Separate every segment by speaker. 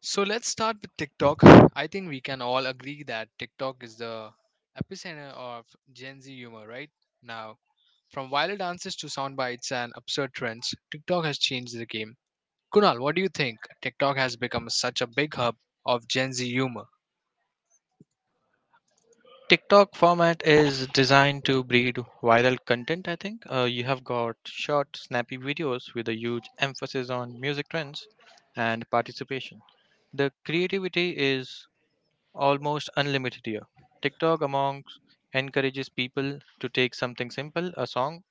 Speaker 1: So let's start with TikTok. I think we can all agree that TikTok is the epicenter of Gen Z humor, right? Now, from viral dances to sound bites and absurd trends, TikTok has changed the game. Kunal, what do you think? TikTok has become such a big hub of Gen Z humor.
Speaker 2: TikTok format is designed to breed viral content, I think. You have got short, snappy videos with a huge emphasis on music trends and participation. The creativity is almost unlimited here. TikTok amongst encourages people to take something simple, a song,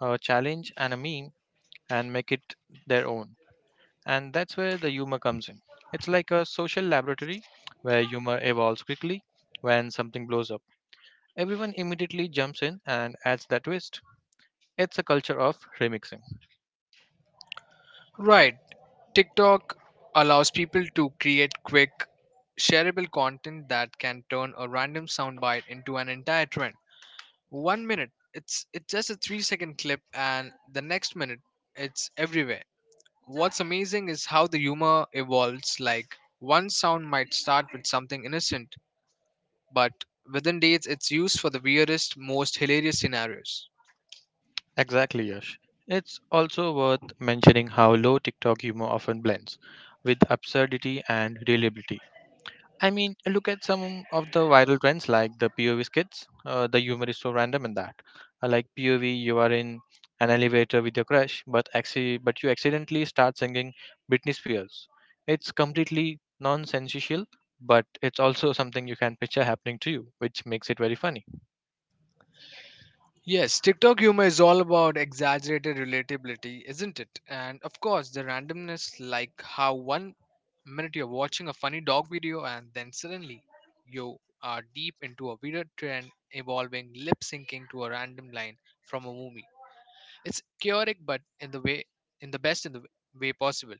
Speaker 2: a challenge, and a meme, and make it their own. And that's where the humor comes in. It's like a social laboratory where humor evolves quickly when something blows up. Everyone immediately jumps in and adds that twist. It's a culture of remixing.
Speaker 1: Right, TikTok allows people to create quick, shareable content that can turn a random soundbite into an entire trend. One minute, it's just a 3 second clip, and the next minute, it's everywhere. What's amazing is how the humor evolves. Like one sound might start with something innocent, but within days, it's used for the weirdest, most hilarious scenarios.
Speaker 2: Exactly, Yash. It's also worth mentioning how low TikTok humor often blends with absurdity and reliability. I mean, look at some of the viral trends like the POV skits. The humor is so random in that. Like POV, you are in an elevator with your crush, but you accidentally start singing Britney Spears. It's completely nonsensical, but it's also something you can picture happening to you, which makes it very funny.
Speaker 1: Yes, TikTok humor is all about exaggerated relatability, isn't it? And of course, the randomness, like how one minute you're watching a funny dog video and then suddenly you are deep into a weird trend involving lip syncing to a random line from a movie. It's chaotic, but in the way, in the best in the way possible.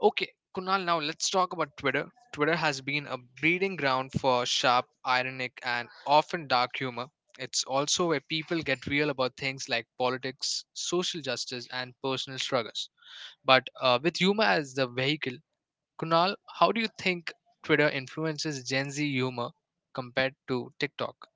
Speaker 1: Okay, Kunal, now let's talk about Twitter. Twitter has been a breeding ground for sharp, ironic, and often dark humor. It's also where people get real about things like politics, social justice, and personal struggles. But with humor as the vehicle, Kunal, how do you think Twitter influences Gen Z humor compared to TikTok?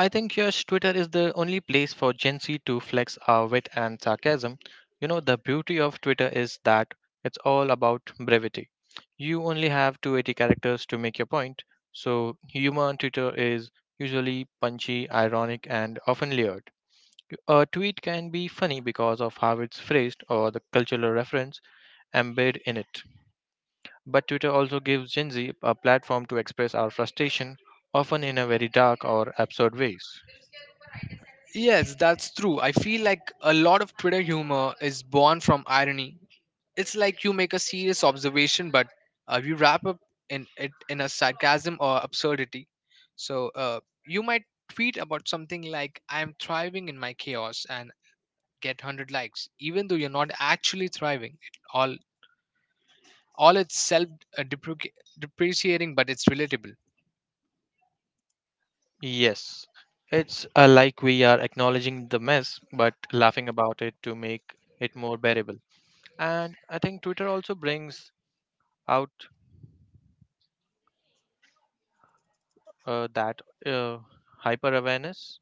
Speaker 2: I think yes, Twitter is the only place for Gen Z to flex our wit and sarcasm. You know, the beauty of Twitter is that it's all about brevity. You only have 280 characters to make your point, so humor on Twitter is usually punchy, ironic, and often layered. A tweet can be funny because of how it's phrased or the cultural reference embedded in it. But Twitter also gives Gen Z a platform to express our frustration, often in a very dark or absurd ways.
Speaker 1: Yes, that's true. I feel like a lot of Twitter humor is born from irony. It's like you make a serious observation, but you wrap up in it in a sarcasm or absurdity. So you might tweet about something like "I am thriving in my chaos" and get 100 likes, even though you're not actually thriving. It all it's self depreci- depreciating, but it's relatable.
Speaker 2: Yes, it's like we are acknowledging the mess but laughing about it to make it more bearable. And I think Twitter also brings out that hyper awareness,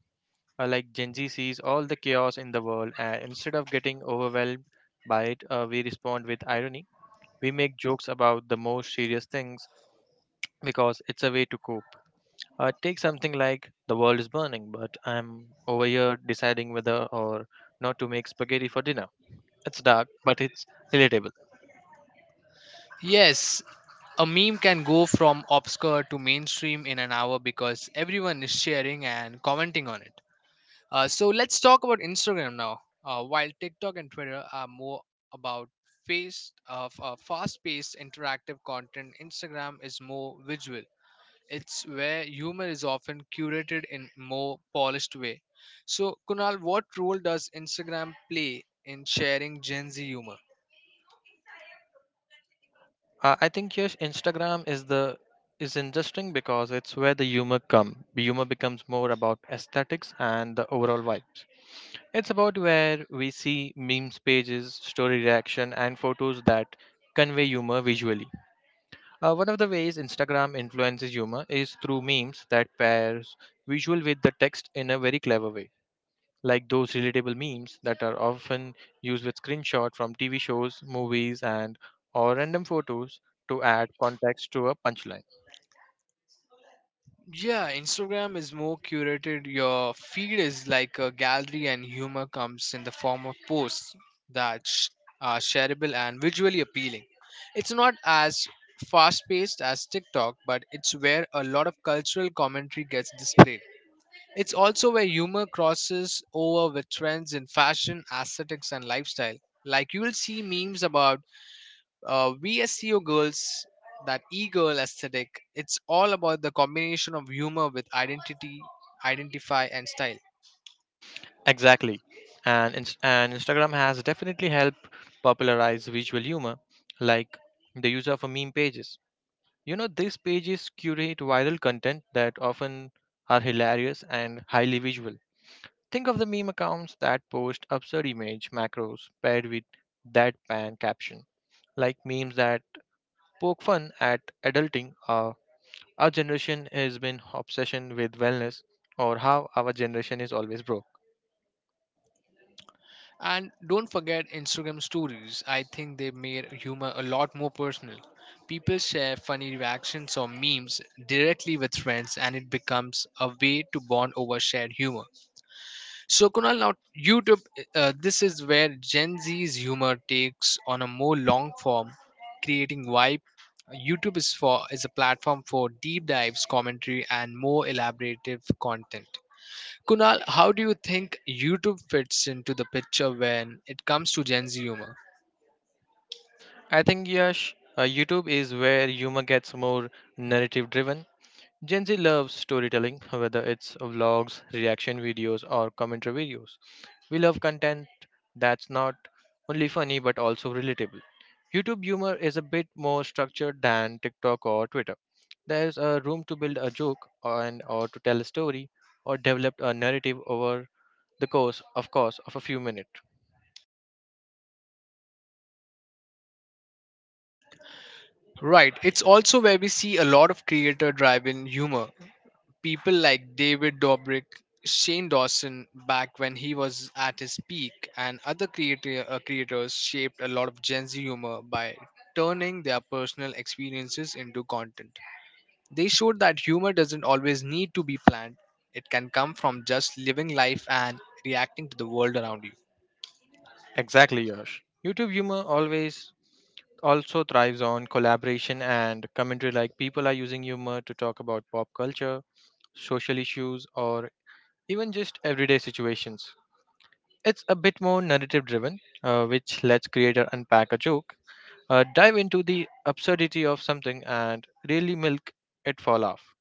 Speaker 2: like Gen Z sees all the chaos in the world, and instead of getting overwhelmed by it, we respond with irony. We make jokes about the most serious things because it's a way to cope. Take something like the world is burning, but I'm over here deciding whether or not to make spaghetti for dinner. It's dark, but it's relatable.
Speaker 1: Yes, a meme can go from obscure to mainstream in an hour because everyone is sharing and commenting on it. So let's talk about Instagram now. While TikTok and Twitter are more about fast-paced interactive content, Instagram is more visual. It's where humor is often curated in more polished way. So Kunal, what role does Instagram play in sharing Gen Z humor?
Speaker 2: I think yes, Instagram is the is interesting because it's where the humor come. Humor becomes more about aesthetics and the overall vibes. It's about where we see memes pages, story reaction, and photos that convey humor visually. One of the ways Instagram influences humor is through memes that pairs visual with the text in a very clever way. Like those relatable memes that are often used with screenshots from TV shows, movies, and or random photos to add context to a punchline.
Speaker 1: Yeah, Instagram is more curated. Your feed is like a gallery, and humor comes in the form of posts that are shareable and visually appealing. It's not as fast paced as TikTok, but it's where a lot of cultural commentary gets displayed. It's also where humor crosses over with trends in fashion, aesthetics, and lifestyle. Like you will see memes about VSCO girls, that e-girl aesthetic, it's all about the combination of humor with identity, identify and style.
Speaker 2: Exactly. And Instagram has definitely helped popularize visual humor, like the use of a meme pages. You know, these pages curate viral content that often are hilarious and highly visual. Think of the meme accounts that post absurd image macros paired with deadpan caption, like memes that poke fun at adulting. Our generation has been obsession with wellness, or how our generation is always broke.
Speaker 1: And don't forget Instagram stories. I think they made humor a lot more personal. People share funny reactions or memes directly with friends and it becomes a way to bond over shared humor. So Kunal, now YouTube, this is where Gen Z's humor takes on a more long form, creating vibe. YouTube is a platform for deep dives, commentary, and more elaborative content. Kunal, how do you think YouTube fits into the picture when it comes to Gen Z humor?
Speaker 2: I think Yash, YouTube is where humor gets more narrative driven. Gen Z loves storytelling, whether it's vlogs, reaction videos, or commentary videos. We love content that's not only funny but also relatable. YouTube humor is a bit more structured than TikTok or Twitter. There's a room to build a joke and or to tell a story or develop a narrative over of course, of a few minutes.
Speaker 1: Right, it's also where we see a lot of creator-driven humor, people like David Dobrik, Shane Dawson back when he was at his peak, and other creators shaped a lot of Gen Z humor by turning their personal experiences into content. They showed that humor doesn't always need to be planned, it can come from just living life and reacting to the world around you.
Speaker 2: Exactly, Yash. YouTube humor always also thrives on collaboration and commentary, like people are using humor to talk about pop culture, social issues, or even just everyday situations. It's a bit more narrative driven, which lets creator unpack a joke, dive into the absurdity of something, and really milk it for a laugh.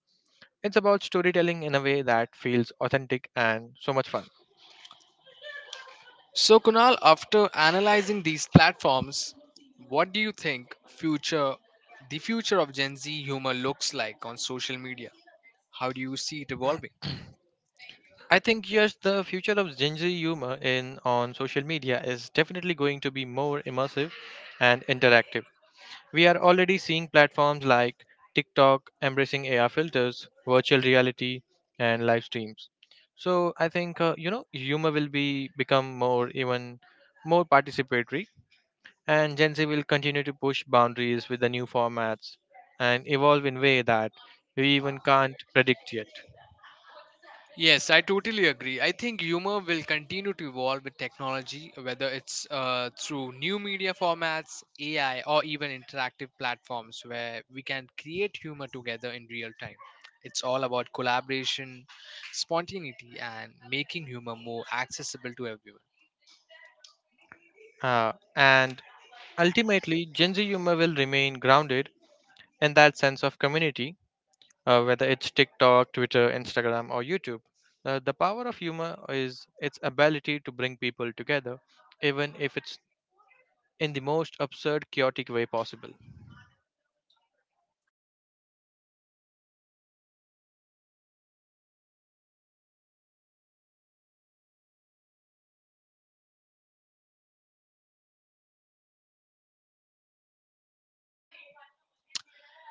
Speaker 2: It's about storytelling in a way that feels authentic and so much fun.
Speaker 1: So, Kunal, after analyzing these platforms, what do you think future the future of Gen Z humor looks like on social media? How do you see it evolving?
Speaker 2: I think yes, the future of Gen Z humor in on social media is definitely going to be more immersive and interactive. We are already seeing platforms like TikTok embracing AR filters, virtual reality, and live streams. So I think you know, humor will be become more even more participatory, and Gen Z will continue to push boundaries with the new formats and evolve in way that we even can't predict yet.
Speaker 1: Yes, I totally agree. I think humor will continue to evolve with technology, whether it's through new media formats, AI, or even interactive platforms where we can create humor together in real time. It's all about collaboration, spontaneity, and making humor more accessible to everyone.
Speaker 2: And Ultimately, Gen Z humor will remain grounded in that sense of community, whether it's TikTok, Twitter, Instagram, or YouTube. The power of humor is its ability to bring people together, even if it's in the most absurd, chaotic way possible.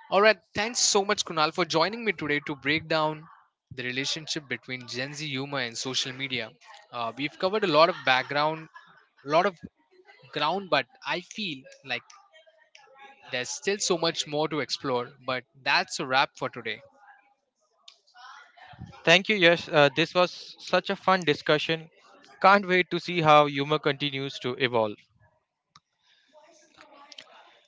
Speaker 1: All right, thanks so much, Kunal, for joining me today to break down the relationship between Gen Z humor and social media. We've covered a lot of background, a lot of ground, but I feel like there's still so much more to explore. But that's a wrap for today.
Speaker 2: Thank you, Yes. This was such a fun discussion. Can't wait to see how humor continues to evolve.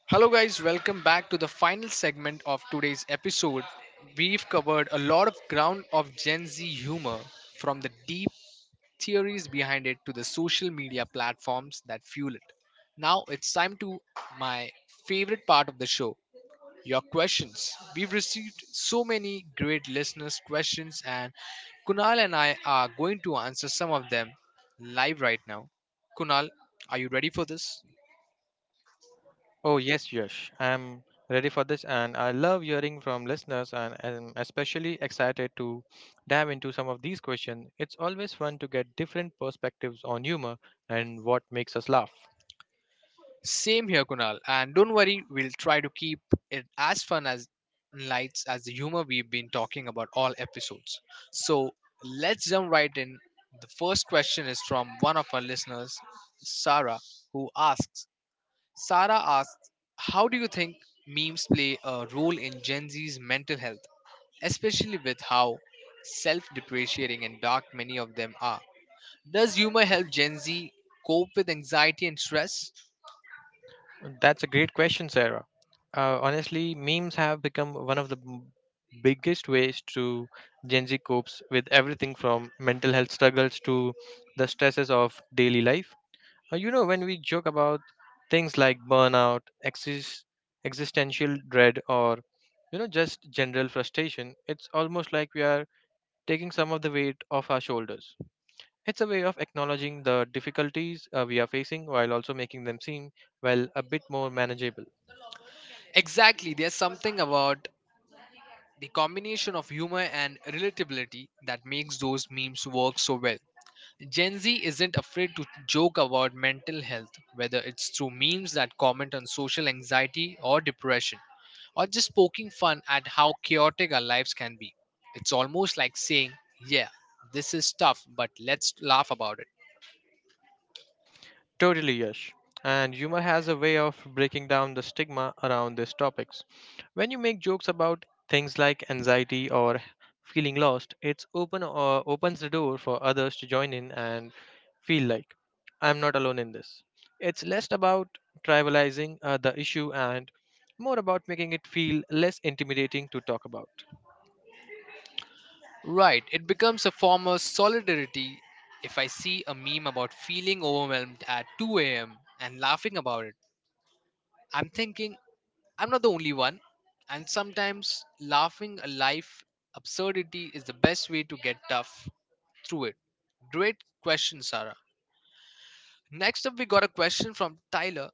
Speaker 1: Hello, guys, welcome back to the final segment of today's episode. We've covered a lot of ground of Gen Z humor, from the deep theories behind it to the social media platforms that fuel it. Now it's time to my favorite part of the show, your questions. We've received so many great listeners' questions, and Kunal and I are going to answer some of them live right now. Kunal, are you ready for this?
Speaker 2: Oh, yes, Yash. I'm ready for this, and I love hearing from listeners, and I'm especially excited to dive into some of these questions. It's always fun to get different perspectives on humor and what makes us laugh.
Speaker 1: Same here, Kunal. And don't worry, we'll try to keep it as fun as and lights as the humor we've been talking about all episodes. So let's jump right in. The first question is from one of our listeners, Sarah, who asks Sarah asks, how do you think memes play a role in Gen Z's mental health, especially with how self depreciating and dark many of them are? Does humor help Gen Z cope with anxiety and stress?
Speaker 2: That's a great question, Sarah. Honestly, memes have become one of the biggest ways to Gen Z copes with everything from mental health struggles to the stresses of daily life. You know, when we joke about things like burnout, existential dread, or you know, just general frustration, it's almost like we are taking some of the weight off our shoulders. It's a way of acknowledging the difficulties we are facing while also making them seem, well, a bit more manageable.
Speaker 1: Exactly, there's something about the combination of humor and relatability that makes those memes work so well. Gen Z isn't afraid to joke about mental health, whether it's through memes that comment on social anxiety or depression, or just poking fun at how chaotic our lives can be. It's almost like saying, yeah, this is tough, but let's laugh about it.
Speaker 2: Totally, Yash. And humor has a way of breaking down the stigma around these topics. When you make jokes about things like anxiety or feeling lost, it's open or opens the door for others to join in and feel like I'm not alone in this. It's less about trivializing the issue and more about making it feel less intimidating to talk about.
Speaker 1: Right, it becomes a form of solidarity if I see a meme about feeling overwhelmed at 2 a.m. and laughing about it. I'm thinking, I'm not the only one, and sometimes laughing a life absurdity is the best way to get tough through it. Great question, Sarah. Next up, we got a question from Tyler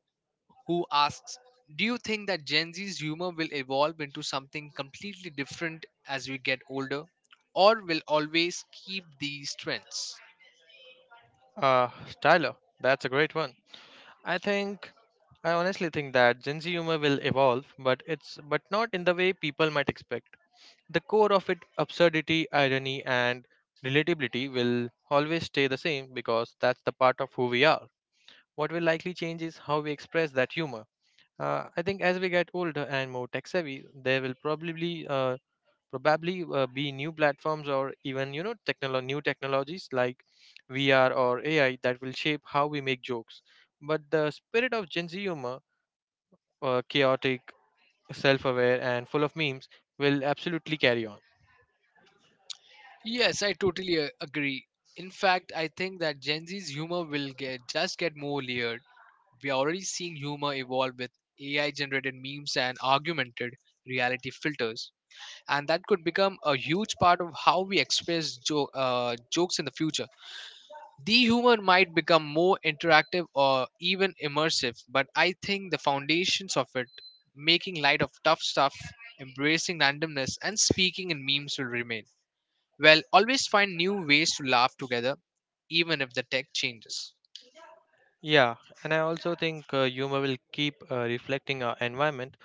Speaker 1: who asks, do you think that Gen Z's humor will evolve into something completely different as we get older, or will always keep these trends?
Speaker 2: Uh, Tyler, that's a great one. I think I honestly think that Gen Z humor will evolve, but it's but not in the way people might expect. The core of it, absurdity, irony, and relatability, will always stay the same because that's the part of who we are. What will likely change is how we express that humor. I think as we get older and more tech savvy, there will probably be new platforms or even you know new technologies like vr or ai that will shape how we make jokes, but the spirit of gen z humor, chaotic, self-aware and full of memes, will absolutely carry on.
Speaker 1: Yes, I totally agree. In fact, I think that Gen Z's humor will get just get more layered. We are already seeing humor evolve with AI generated memes and augmented reality filters, and that could become a huge part of how we express jokes in the future. The humor might become more interactive or even immersive, but I think the foundations of it, making light of tough stuff, embracing randomness, and speaking in memes will remain. Well, always find new ways to laugh together, even if the tech changes.
Speaker 2: Yeah, and I also think humor will keep reflecting our environment.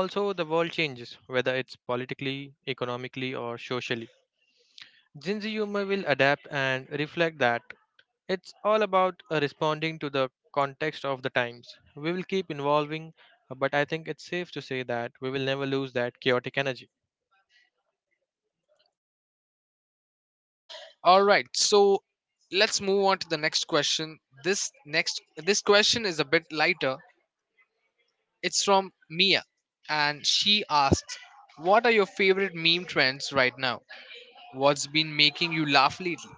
Speaker 2: Also, the world changes, whether it's politically, economically, or socially. Gen Z humor will adapt and reflect that. It's all about responding to the context of the times. We will keep evolving, but I think it's safe to say that we will never lose that chaotic energy.
Speaker 1: Alright, so let's move on to the next question. This question is a bit lighter. It's from Mia and she asks, what are your favorite meme trends right now? What's been making you laugh lately?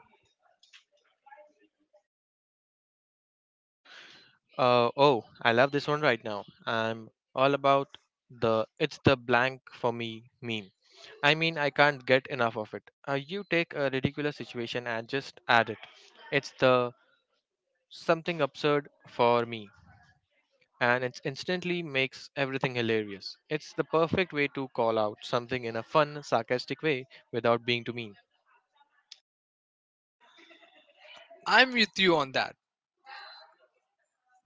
Speaker 2: Oh, I love this one. Right now, I'm all about the it's the blank for me meme. I mean, I can't get enough of it. You take a ridiculous situation and just add it. It's the something absurd for me, and it instantly makes everything hilarious. It's the perfect way to call out something in a fun, sarcastic way without being too mean.
Speaker 1: I'm with you on that.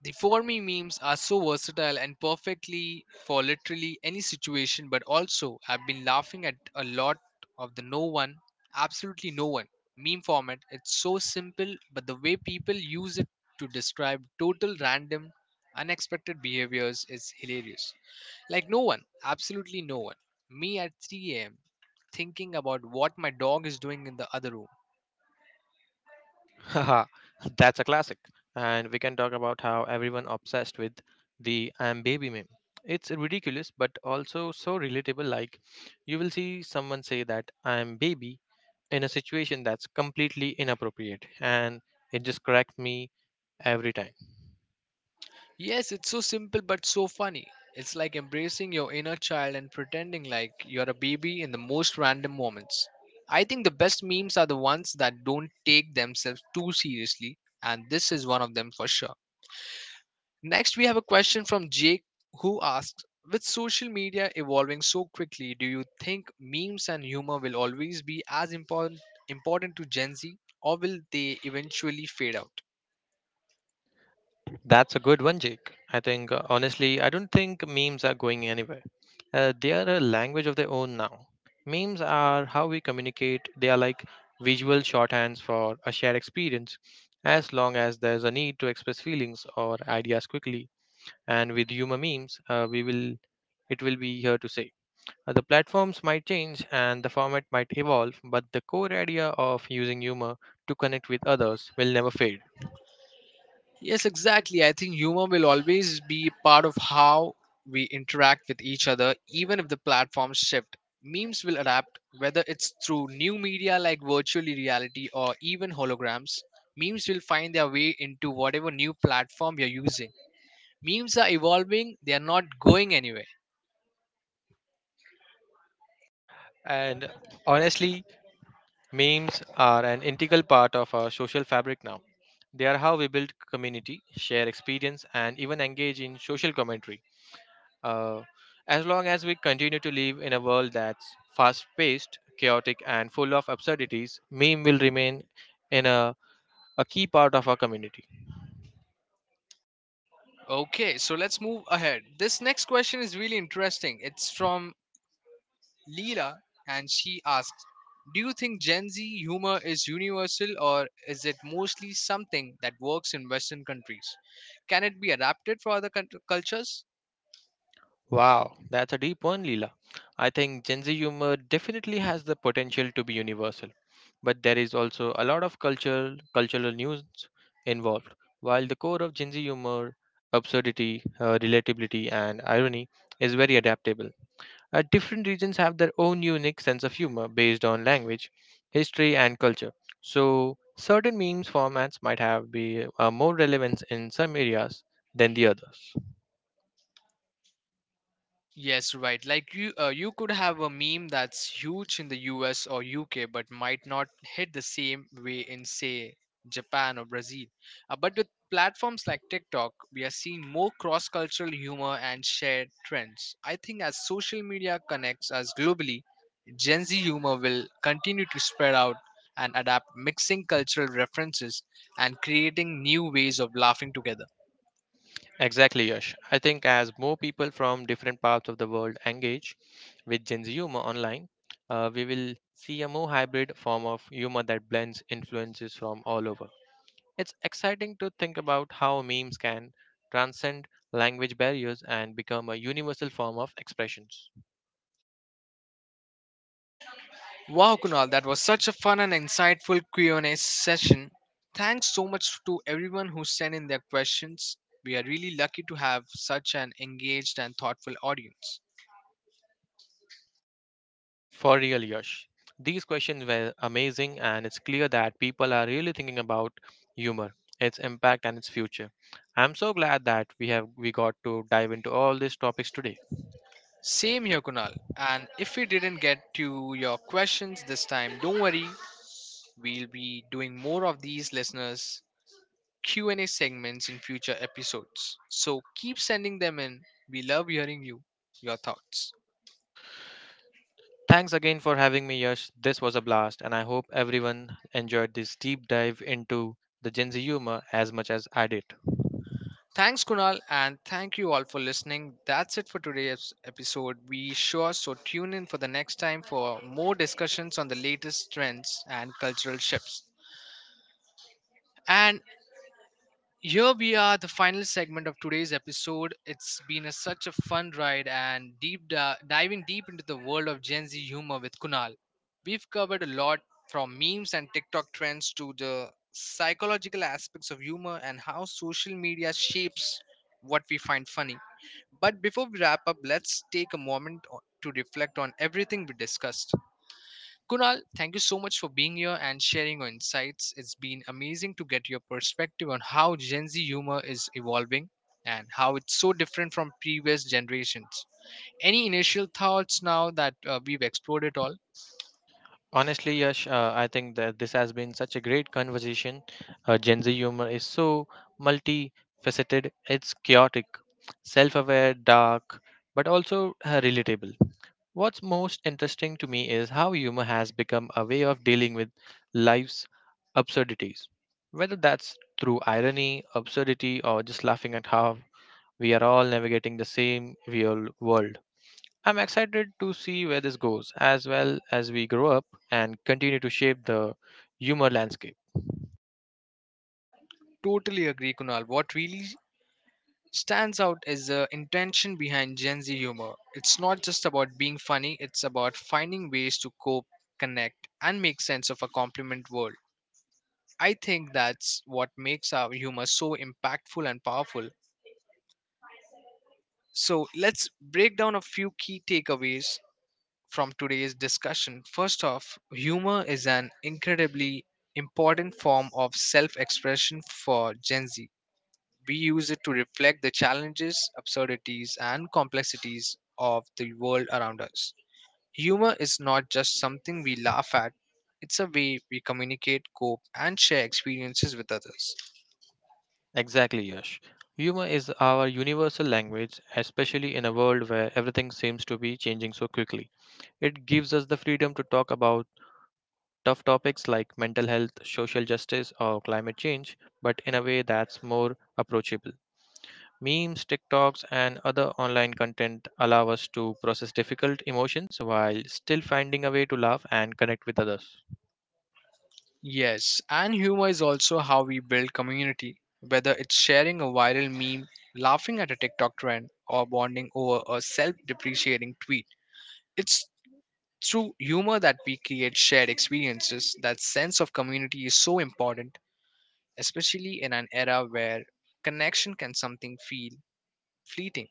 Speaker 1: The for me memes are so versatile and perfectly for literally any situation, but also I've been laughing at a lot of the no one, absolutely no one meme format. It's so simple, but the way people use it to describe total random, unexpected behaviors is hilarious. Like no one, absolutely no one. Me at 3 a.m. thinking about what my dog is doing in the other room.
Speaker 2: Haha, that's a classic. And we can talk about how everyone obsessed with the I'm baby meme. It's ridiculous but also so relatable, like you will see someone say that I'm baby in a situation that's completely inappropriate and it just cracks me every time.
Speaker 1: Yes, it's so simple but so funny. It's like embracing your inner child and pretending like you're a baby in the most random moments. I think the best memes are the ones that don't take themselves too seriously, and this is one of them for sure. Next, we have a question from Jake who asks, with social media evolving so quickly, do you think memes and humor will always be as important, important to Gen Z, or will they eventually fade out?
Speaker 2: That's a good one, Jake. Honestly, I don't think memes are going anywhere. They are a language of their own now. Memes are how we communicate, they are like visual shorthands for a shared experience, as long as there's a need to express feelings or ideas quickly. And with humor memes, we will it will be here to stay. The platforms might change and the format might evolve, but the core idea of using humor to connect with others will never fade.
Speaker 1: Yes, exactly. I think humor will always be part of how we interact with each other, even if the platforms shift. Memes will adapt, whether it's through new media like virtual reality or even holograms. Memes will find their way into whatever new platform you're using. Memes are evolving, they are not going anywhere.
Speaker 2: And honestly, memes are an integral part of our social fabric now. They are how we build community, share experience, and even engage in social commentary. Uh, as long as we continue to live in a world that's fast paced, chaotic, and full of absurdities, meme will remain in a, a key part of our community.
Speaker 1: Okay, so let's move ahead. This next question is really interesting. It's from Leela, and she asks, do you think Gen Z humor is universal or is it mostly something that works in Western countries? Can it be adapted for other cultures?
Speaker 2: Wow, that's a deep one, Leela. I think Gen Z humor definitely has the potential to be universal, but there is also a lot of cultural nuance involved. While the core of Gen Z humor, absurdity, relatability, and irony is very adaptable. Different regions have their own unique sense of humor based on language, history, and culture. So, certain memes formats might have be more relevance in some areas than the others.
Speaker 1: Yes, right. Like you, you could have a meme that's huge in the US or UK, but might not hit the same way in, say, Japan or Brazil. But with platforms like TikTok, we are seeing more cross cultural humor and shared trends. I think as social media connects us globally, Gen Z humor will continue to spread out and adapt, mixing cultural references and creating new ways of laughing together.
Speaker 2: Exactly, Yash. I think as more people from different parts of the world engage with Gen Z humor online, we will see a more hybrid form of humor that blends influences from all over. It's exciting to think about how memes can transcend language barriers and become a universal form of expressions.
Speaker 1: Wow, Kunal, that was such a fun and insightful Q&A session. Thanks so much to everyone who sent in their questions. We are really lucky to have such an engaged and thoughtful audience.
Speaker 2: For real, Yash. These questions were amazing, and it's clear that people are really thinking about humor, its impact, and its future. I'm so glad that we got to dive into all these topics today.
Speaker 1: Same here, Kunal. And if we didn't get to your questions this time, don't worry. We'll be doing more of these listeners Q&A segments in future episodes. So keep sending them in. We love hearing you, your thoughts.
Speaker 2: Thanks again for having me, Yash. This was a blast, and I hope everyone enjoyed this deep dive into the Gen Z humor as much as I did.
Speaker 1: Thanks, Kunal, and thank you all for listening. That's it for today's episode. We sure so tune in for the next time for more discussions on the latest trends and cultural shifts. And here we are, the final segment of today's episode. It's been such a fun ride and diving deep into the world of Gen Z humor with Kunal. We've covered a lot from memes and TikTok trends to the psychological aspects of humor and how social media shapes what we find funny. But before we wrap up, let's take a to reflect on everything we discussed. Kunal, thank you so much for being here and sharing your insights. It's been amazing to get your perspective on how Gen Z humor is evolving and how it's so different from previous generations. Any initial thoughts now that we've explored it all?
Speaker 2: Honestly, Yash, I think that this has been such a great conversation. Gen Z humor is so multifaceted, it's chaotic, self aware, dark, but also relatable. What's most interesting to me is how humor has become a way of dealing with life's absurdities. Whether that's through irony, absurdity, or just laughing at how we are all navigating the same real world. I'm excited to see where this goes, as well as we grow up and continue to shape the humor landscape.
Speaker 1: Totally agree, Kunal. What really stands out is the intention behind Gen Z humor. It's not just about being funny, it's about finding ways to cope, connect, and make sense of a compliment world. I think that's what makes our humor so impactful and powerful. So let's break down a few key takeaways from today's discussion. First off, humor is an incredibly important form of self expression for Gen Z. We use it to reflect the challenges, absurdities, and complexities of the world around us. Humor is not just something we laugh at, it's a way we communicate, cope, and share experiences with others.
Speaker 2: Exactly, Yash. Humor is our universal language, especially in a world where everything seems to be changing so quickly. It gives us the freedom to talk about tough topics like mental health, social justice, or climate change, but in a way that's more approachable. Memes, TikToks, and other online content allow us to process difficult emotions while still finding a way to laugh and connect with others.
Speaker 1: Yes, and humor is also how we build community, whether it's sharing a viral meme, laughing at a TikTok trend, or bonding over a self depreciating tweet. It's through humor that we create shared experiences. That sense of community is so important, especially in an era where connection can something feel fleeting.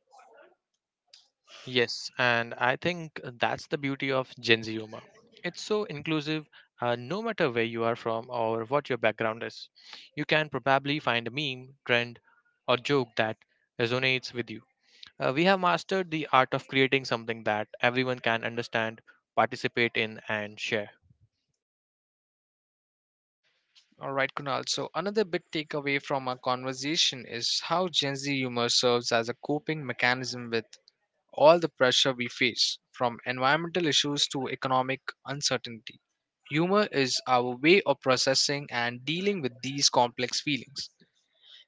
Speaker 2: Yes, and I think that's the beauty of Gen Z humor. It's so inclusive, no matter where you are from or what your background is. You can probably find a meme, trend, or joke that resonates with you. We have mastered the art of creating something that everyone can understand, participate in, and share.
Speaker 1: All right, Kunal. So another big takeaway from our conversation is how Gen Z humor serves as a coping mechanism with all the pressure we face, from environmental issues to economic uncertainty. Humor is our way of processing and dealing with these complex feelings.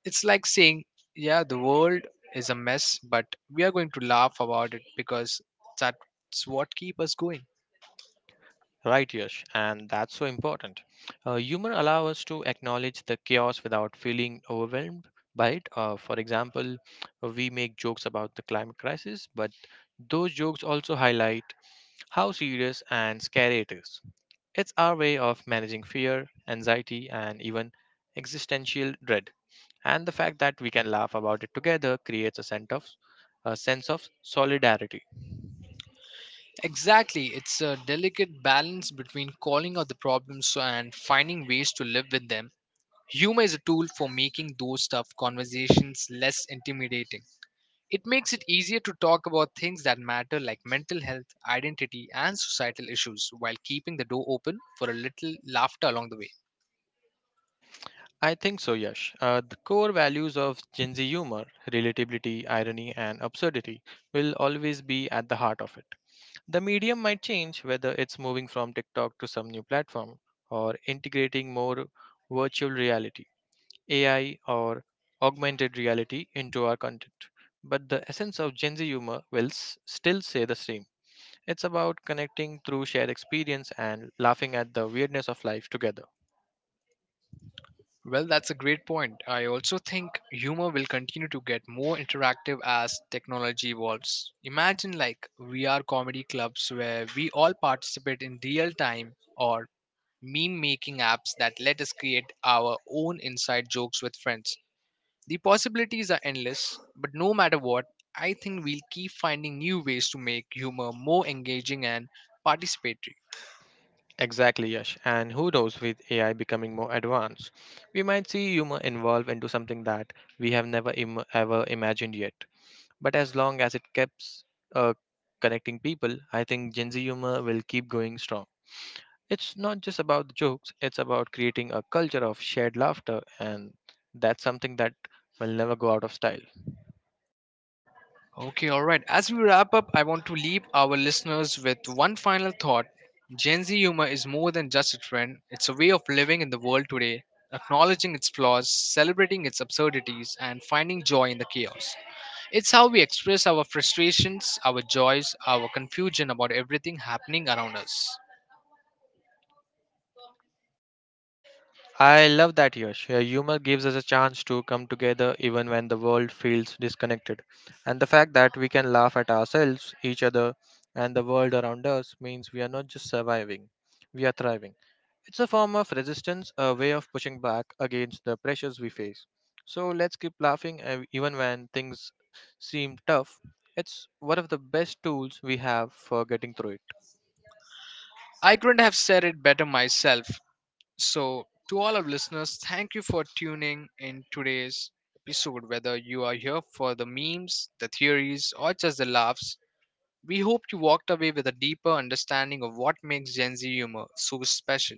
Speaker 1: It's like saying, yeah, the world is a mess, but we are going to laugh about it because that's what keep us going.
Speaker 2: Right, Yash, and that's so important. Humor allows us to acknowledge the chaos without feeling overwhelmed by it. For example, we make jokes about the climate crisis, but those jokes also highlight how serious and scary it is. It's our way of managing fear, anxiety, and even existential dread and the fact that we can laugh about it together creates a sense of solidarity.
Speaker 1: Exactly, it's a delicate balance between calling out the problems and finding ways to live with them. Humor is a tool for making those tough conversations less intimidating. It makes it easier to talk about things that matter like mental health, identity, and societal issues while keeping the door open for a little laughter along the way.
Speaker 2: I think so, Yash. The core values of Gen Z humor, relatability, irony, and absurdity, will always be at the heart of it. The medium might change whether it's moving from TikTok to some new platform or integrating more virtual reality, AI, or augmented reality into our content. But the essence of Gen Z humor will still stay the same. It's about connecting through shared experience and laughing at the weirdness of life together.
Speaker 1: Well, that's a great point. I also think humor will continue to get more interactive as technology evolves. Imagine like VR comedy clubs where we all participate in real time, or meme making apps that let us create our own inside jokes with friends. The possibilities are endless, but no matter what, I think we'll keep finding new ways to make humor more engaging and participatory.
Speaker 2: Exactly, Yash. And who knows, with AI becoming more advanced, we might see humor evolve into something that we have never Im- ever imagined yet. But as long as it keeps uh, connecting people, I think Gen Z humor will keep going strong. It's not just about the jokes, it's about creating a culture of shared laughter, and that's something that will never go out of style.
Speaker 1: Okay, all right. As we wrap up, I want to leave our listeners with one final thought. Gen Z humor is more than just a trend, it's a way of living in the world today, acknowledging its flaws, celebrating its absurdities, and finding joy in the chaos. It's how we express our frustrations, our joys, our confusion about everything happening around us.
Speaker 2: I love that, Yash. Your humor gives us a chance to come together even when the world feels disconnected. And the fact that we can laugh at ourselves, each other, and the world around us means we are not just surviving, we are thriving. It's a form of resistance, a way of pushing back against the pressures we face. So let's keep laughing even when things seem tough. It's one of the best tools we have for getting through it.
Speaker 1: I couldn't have said it better myself. So, to all our listeners, thank you for tuning in today's episode. Whether you are here for the memes, the theories, or just the laughs, we hope you walked away with a deeper understanding of what makes Gen Z humor so special.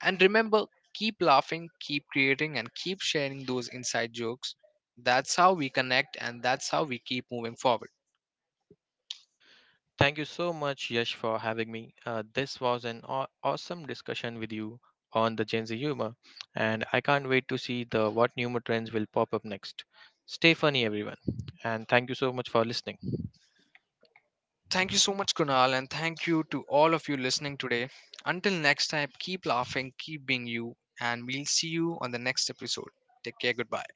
Speaker 1: And remember, keep laughing, keep creating, and keep sharing those inside jokes. That's how we connect, and that's how we keep moving forward.
Speaker 2: Thank you so much, Yash, for having me. This was an awesome discussion with you on the Gen Z humor, and I can't wait to see the what humor trends will pop up next. Stay funny, everyone, and thank you so much for listening.
Speaker 1: Thank you so much, Kunal, and thank you to all of you listening today. Until next time, keep laughing, keep being you, and we'll see you on the next episode. Take care, goodbye.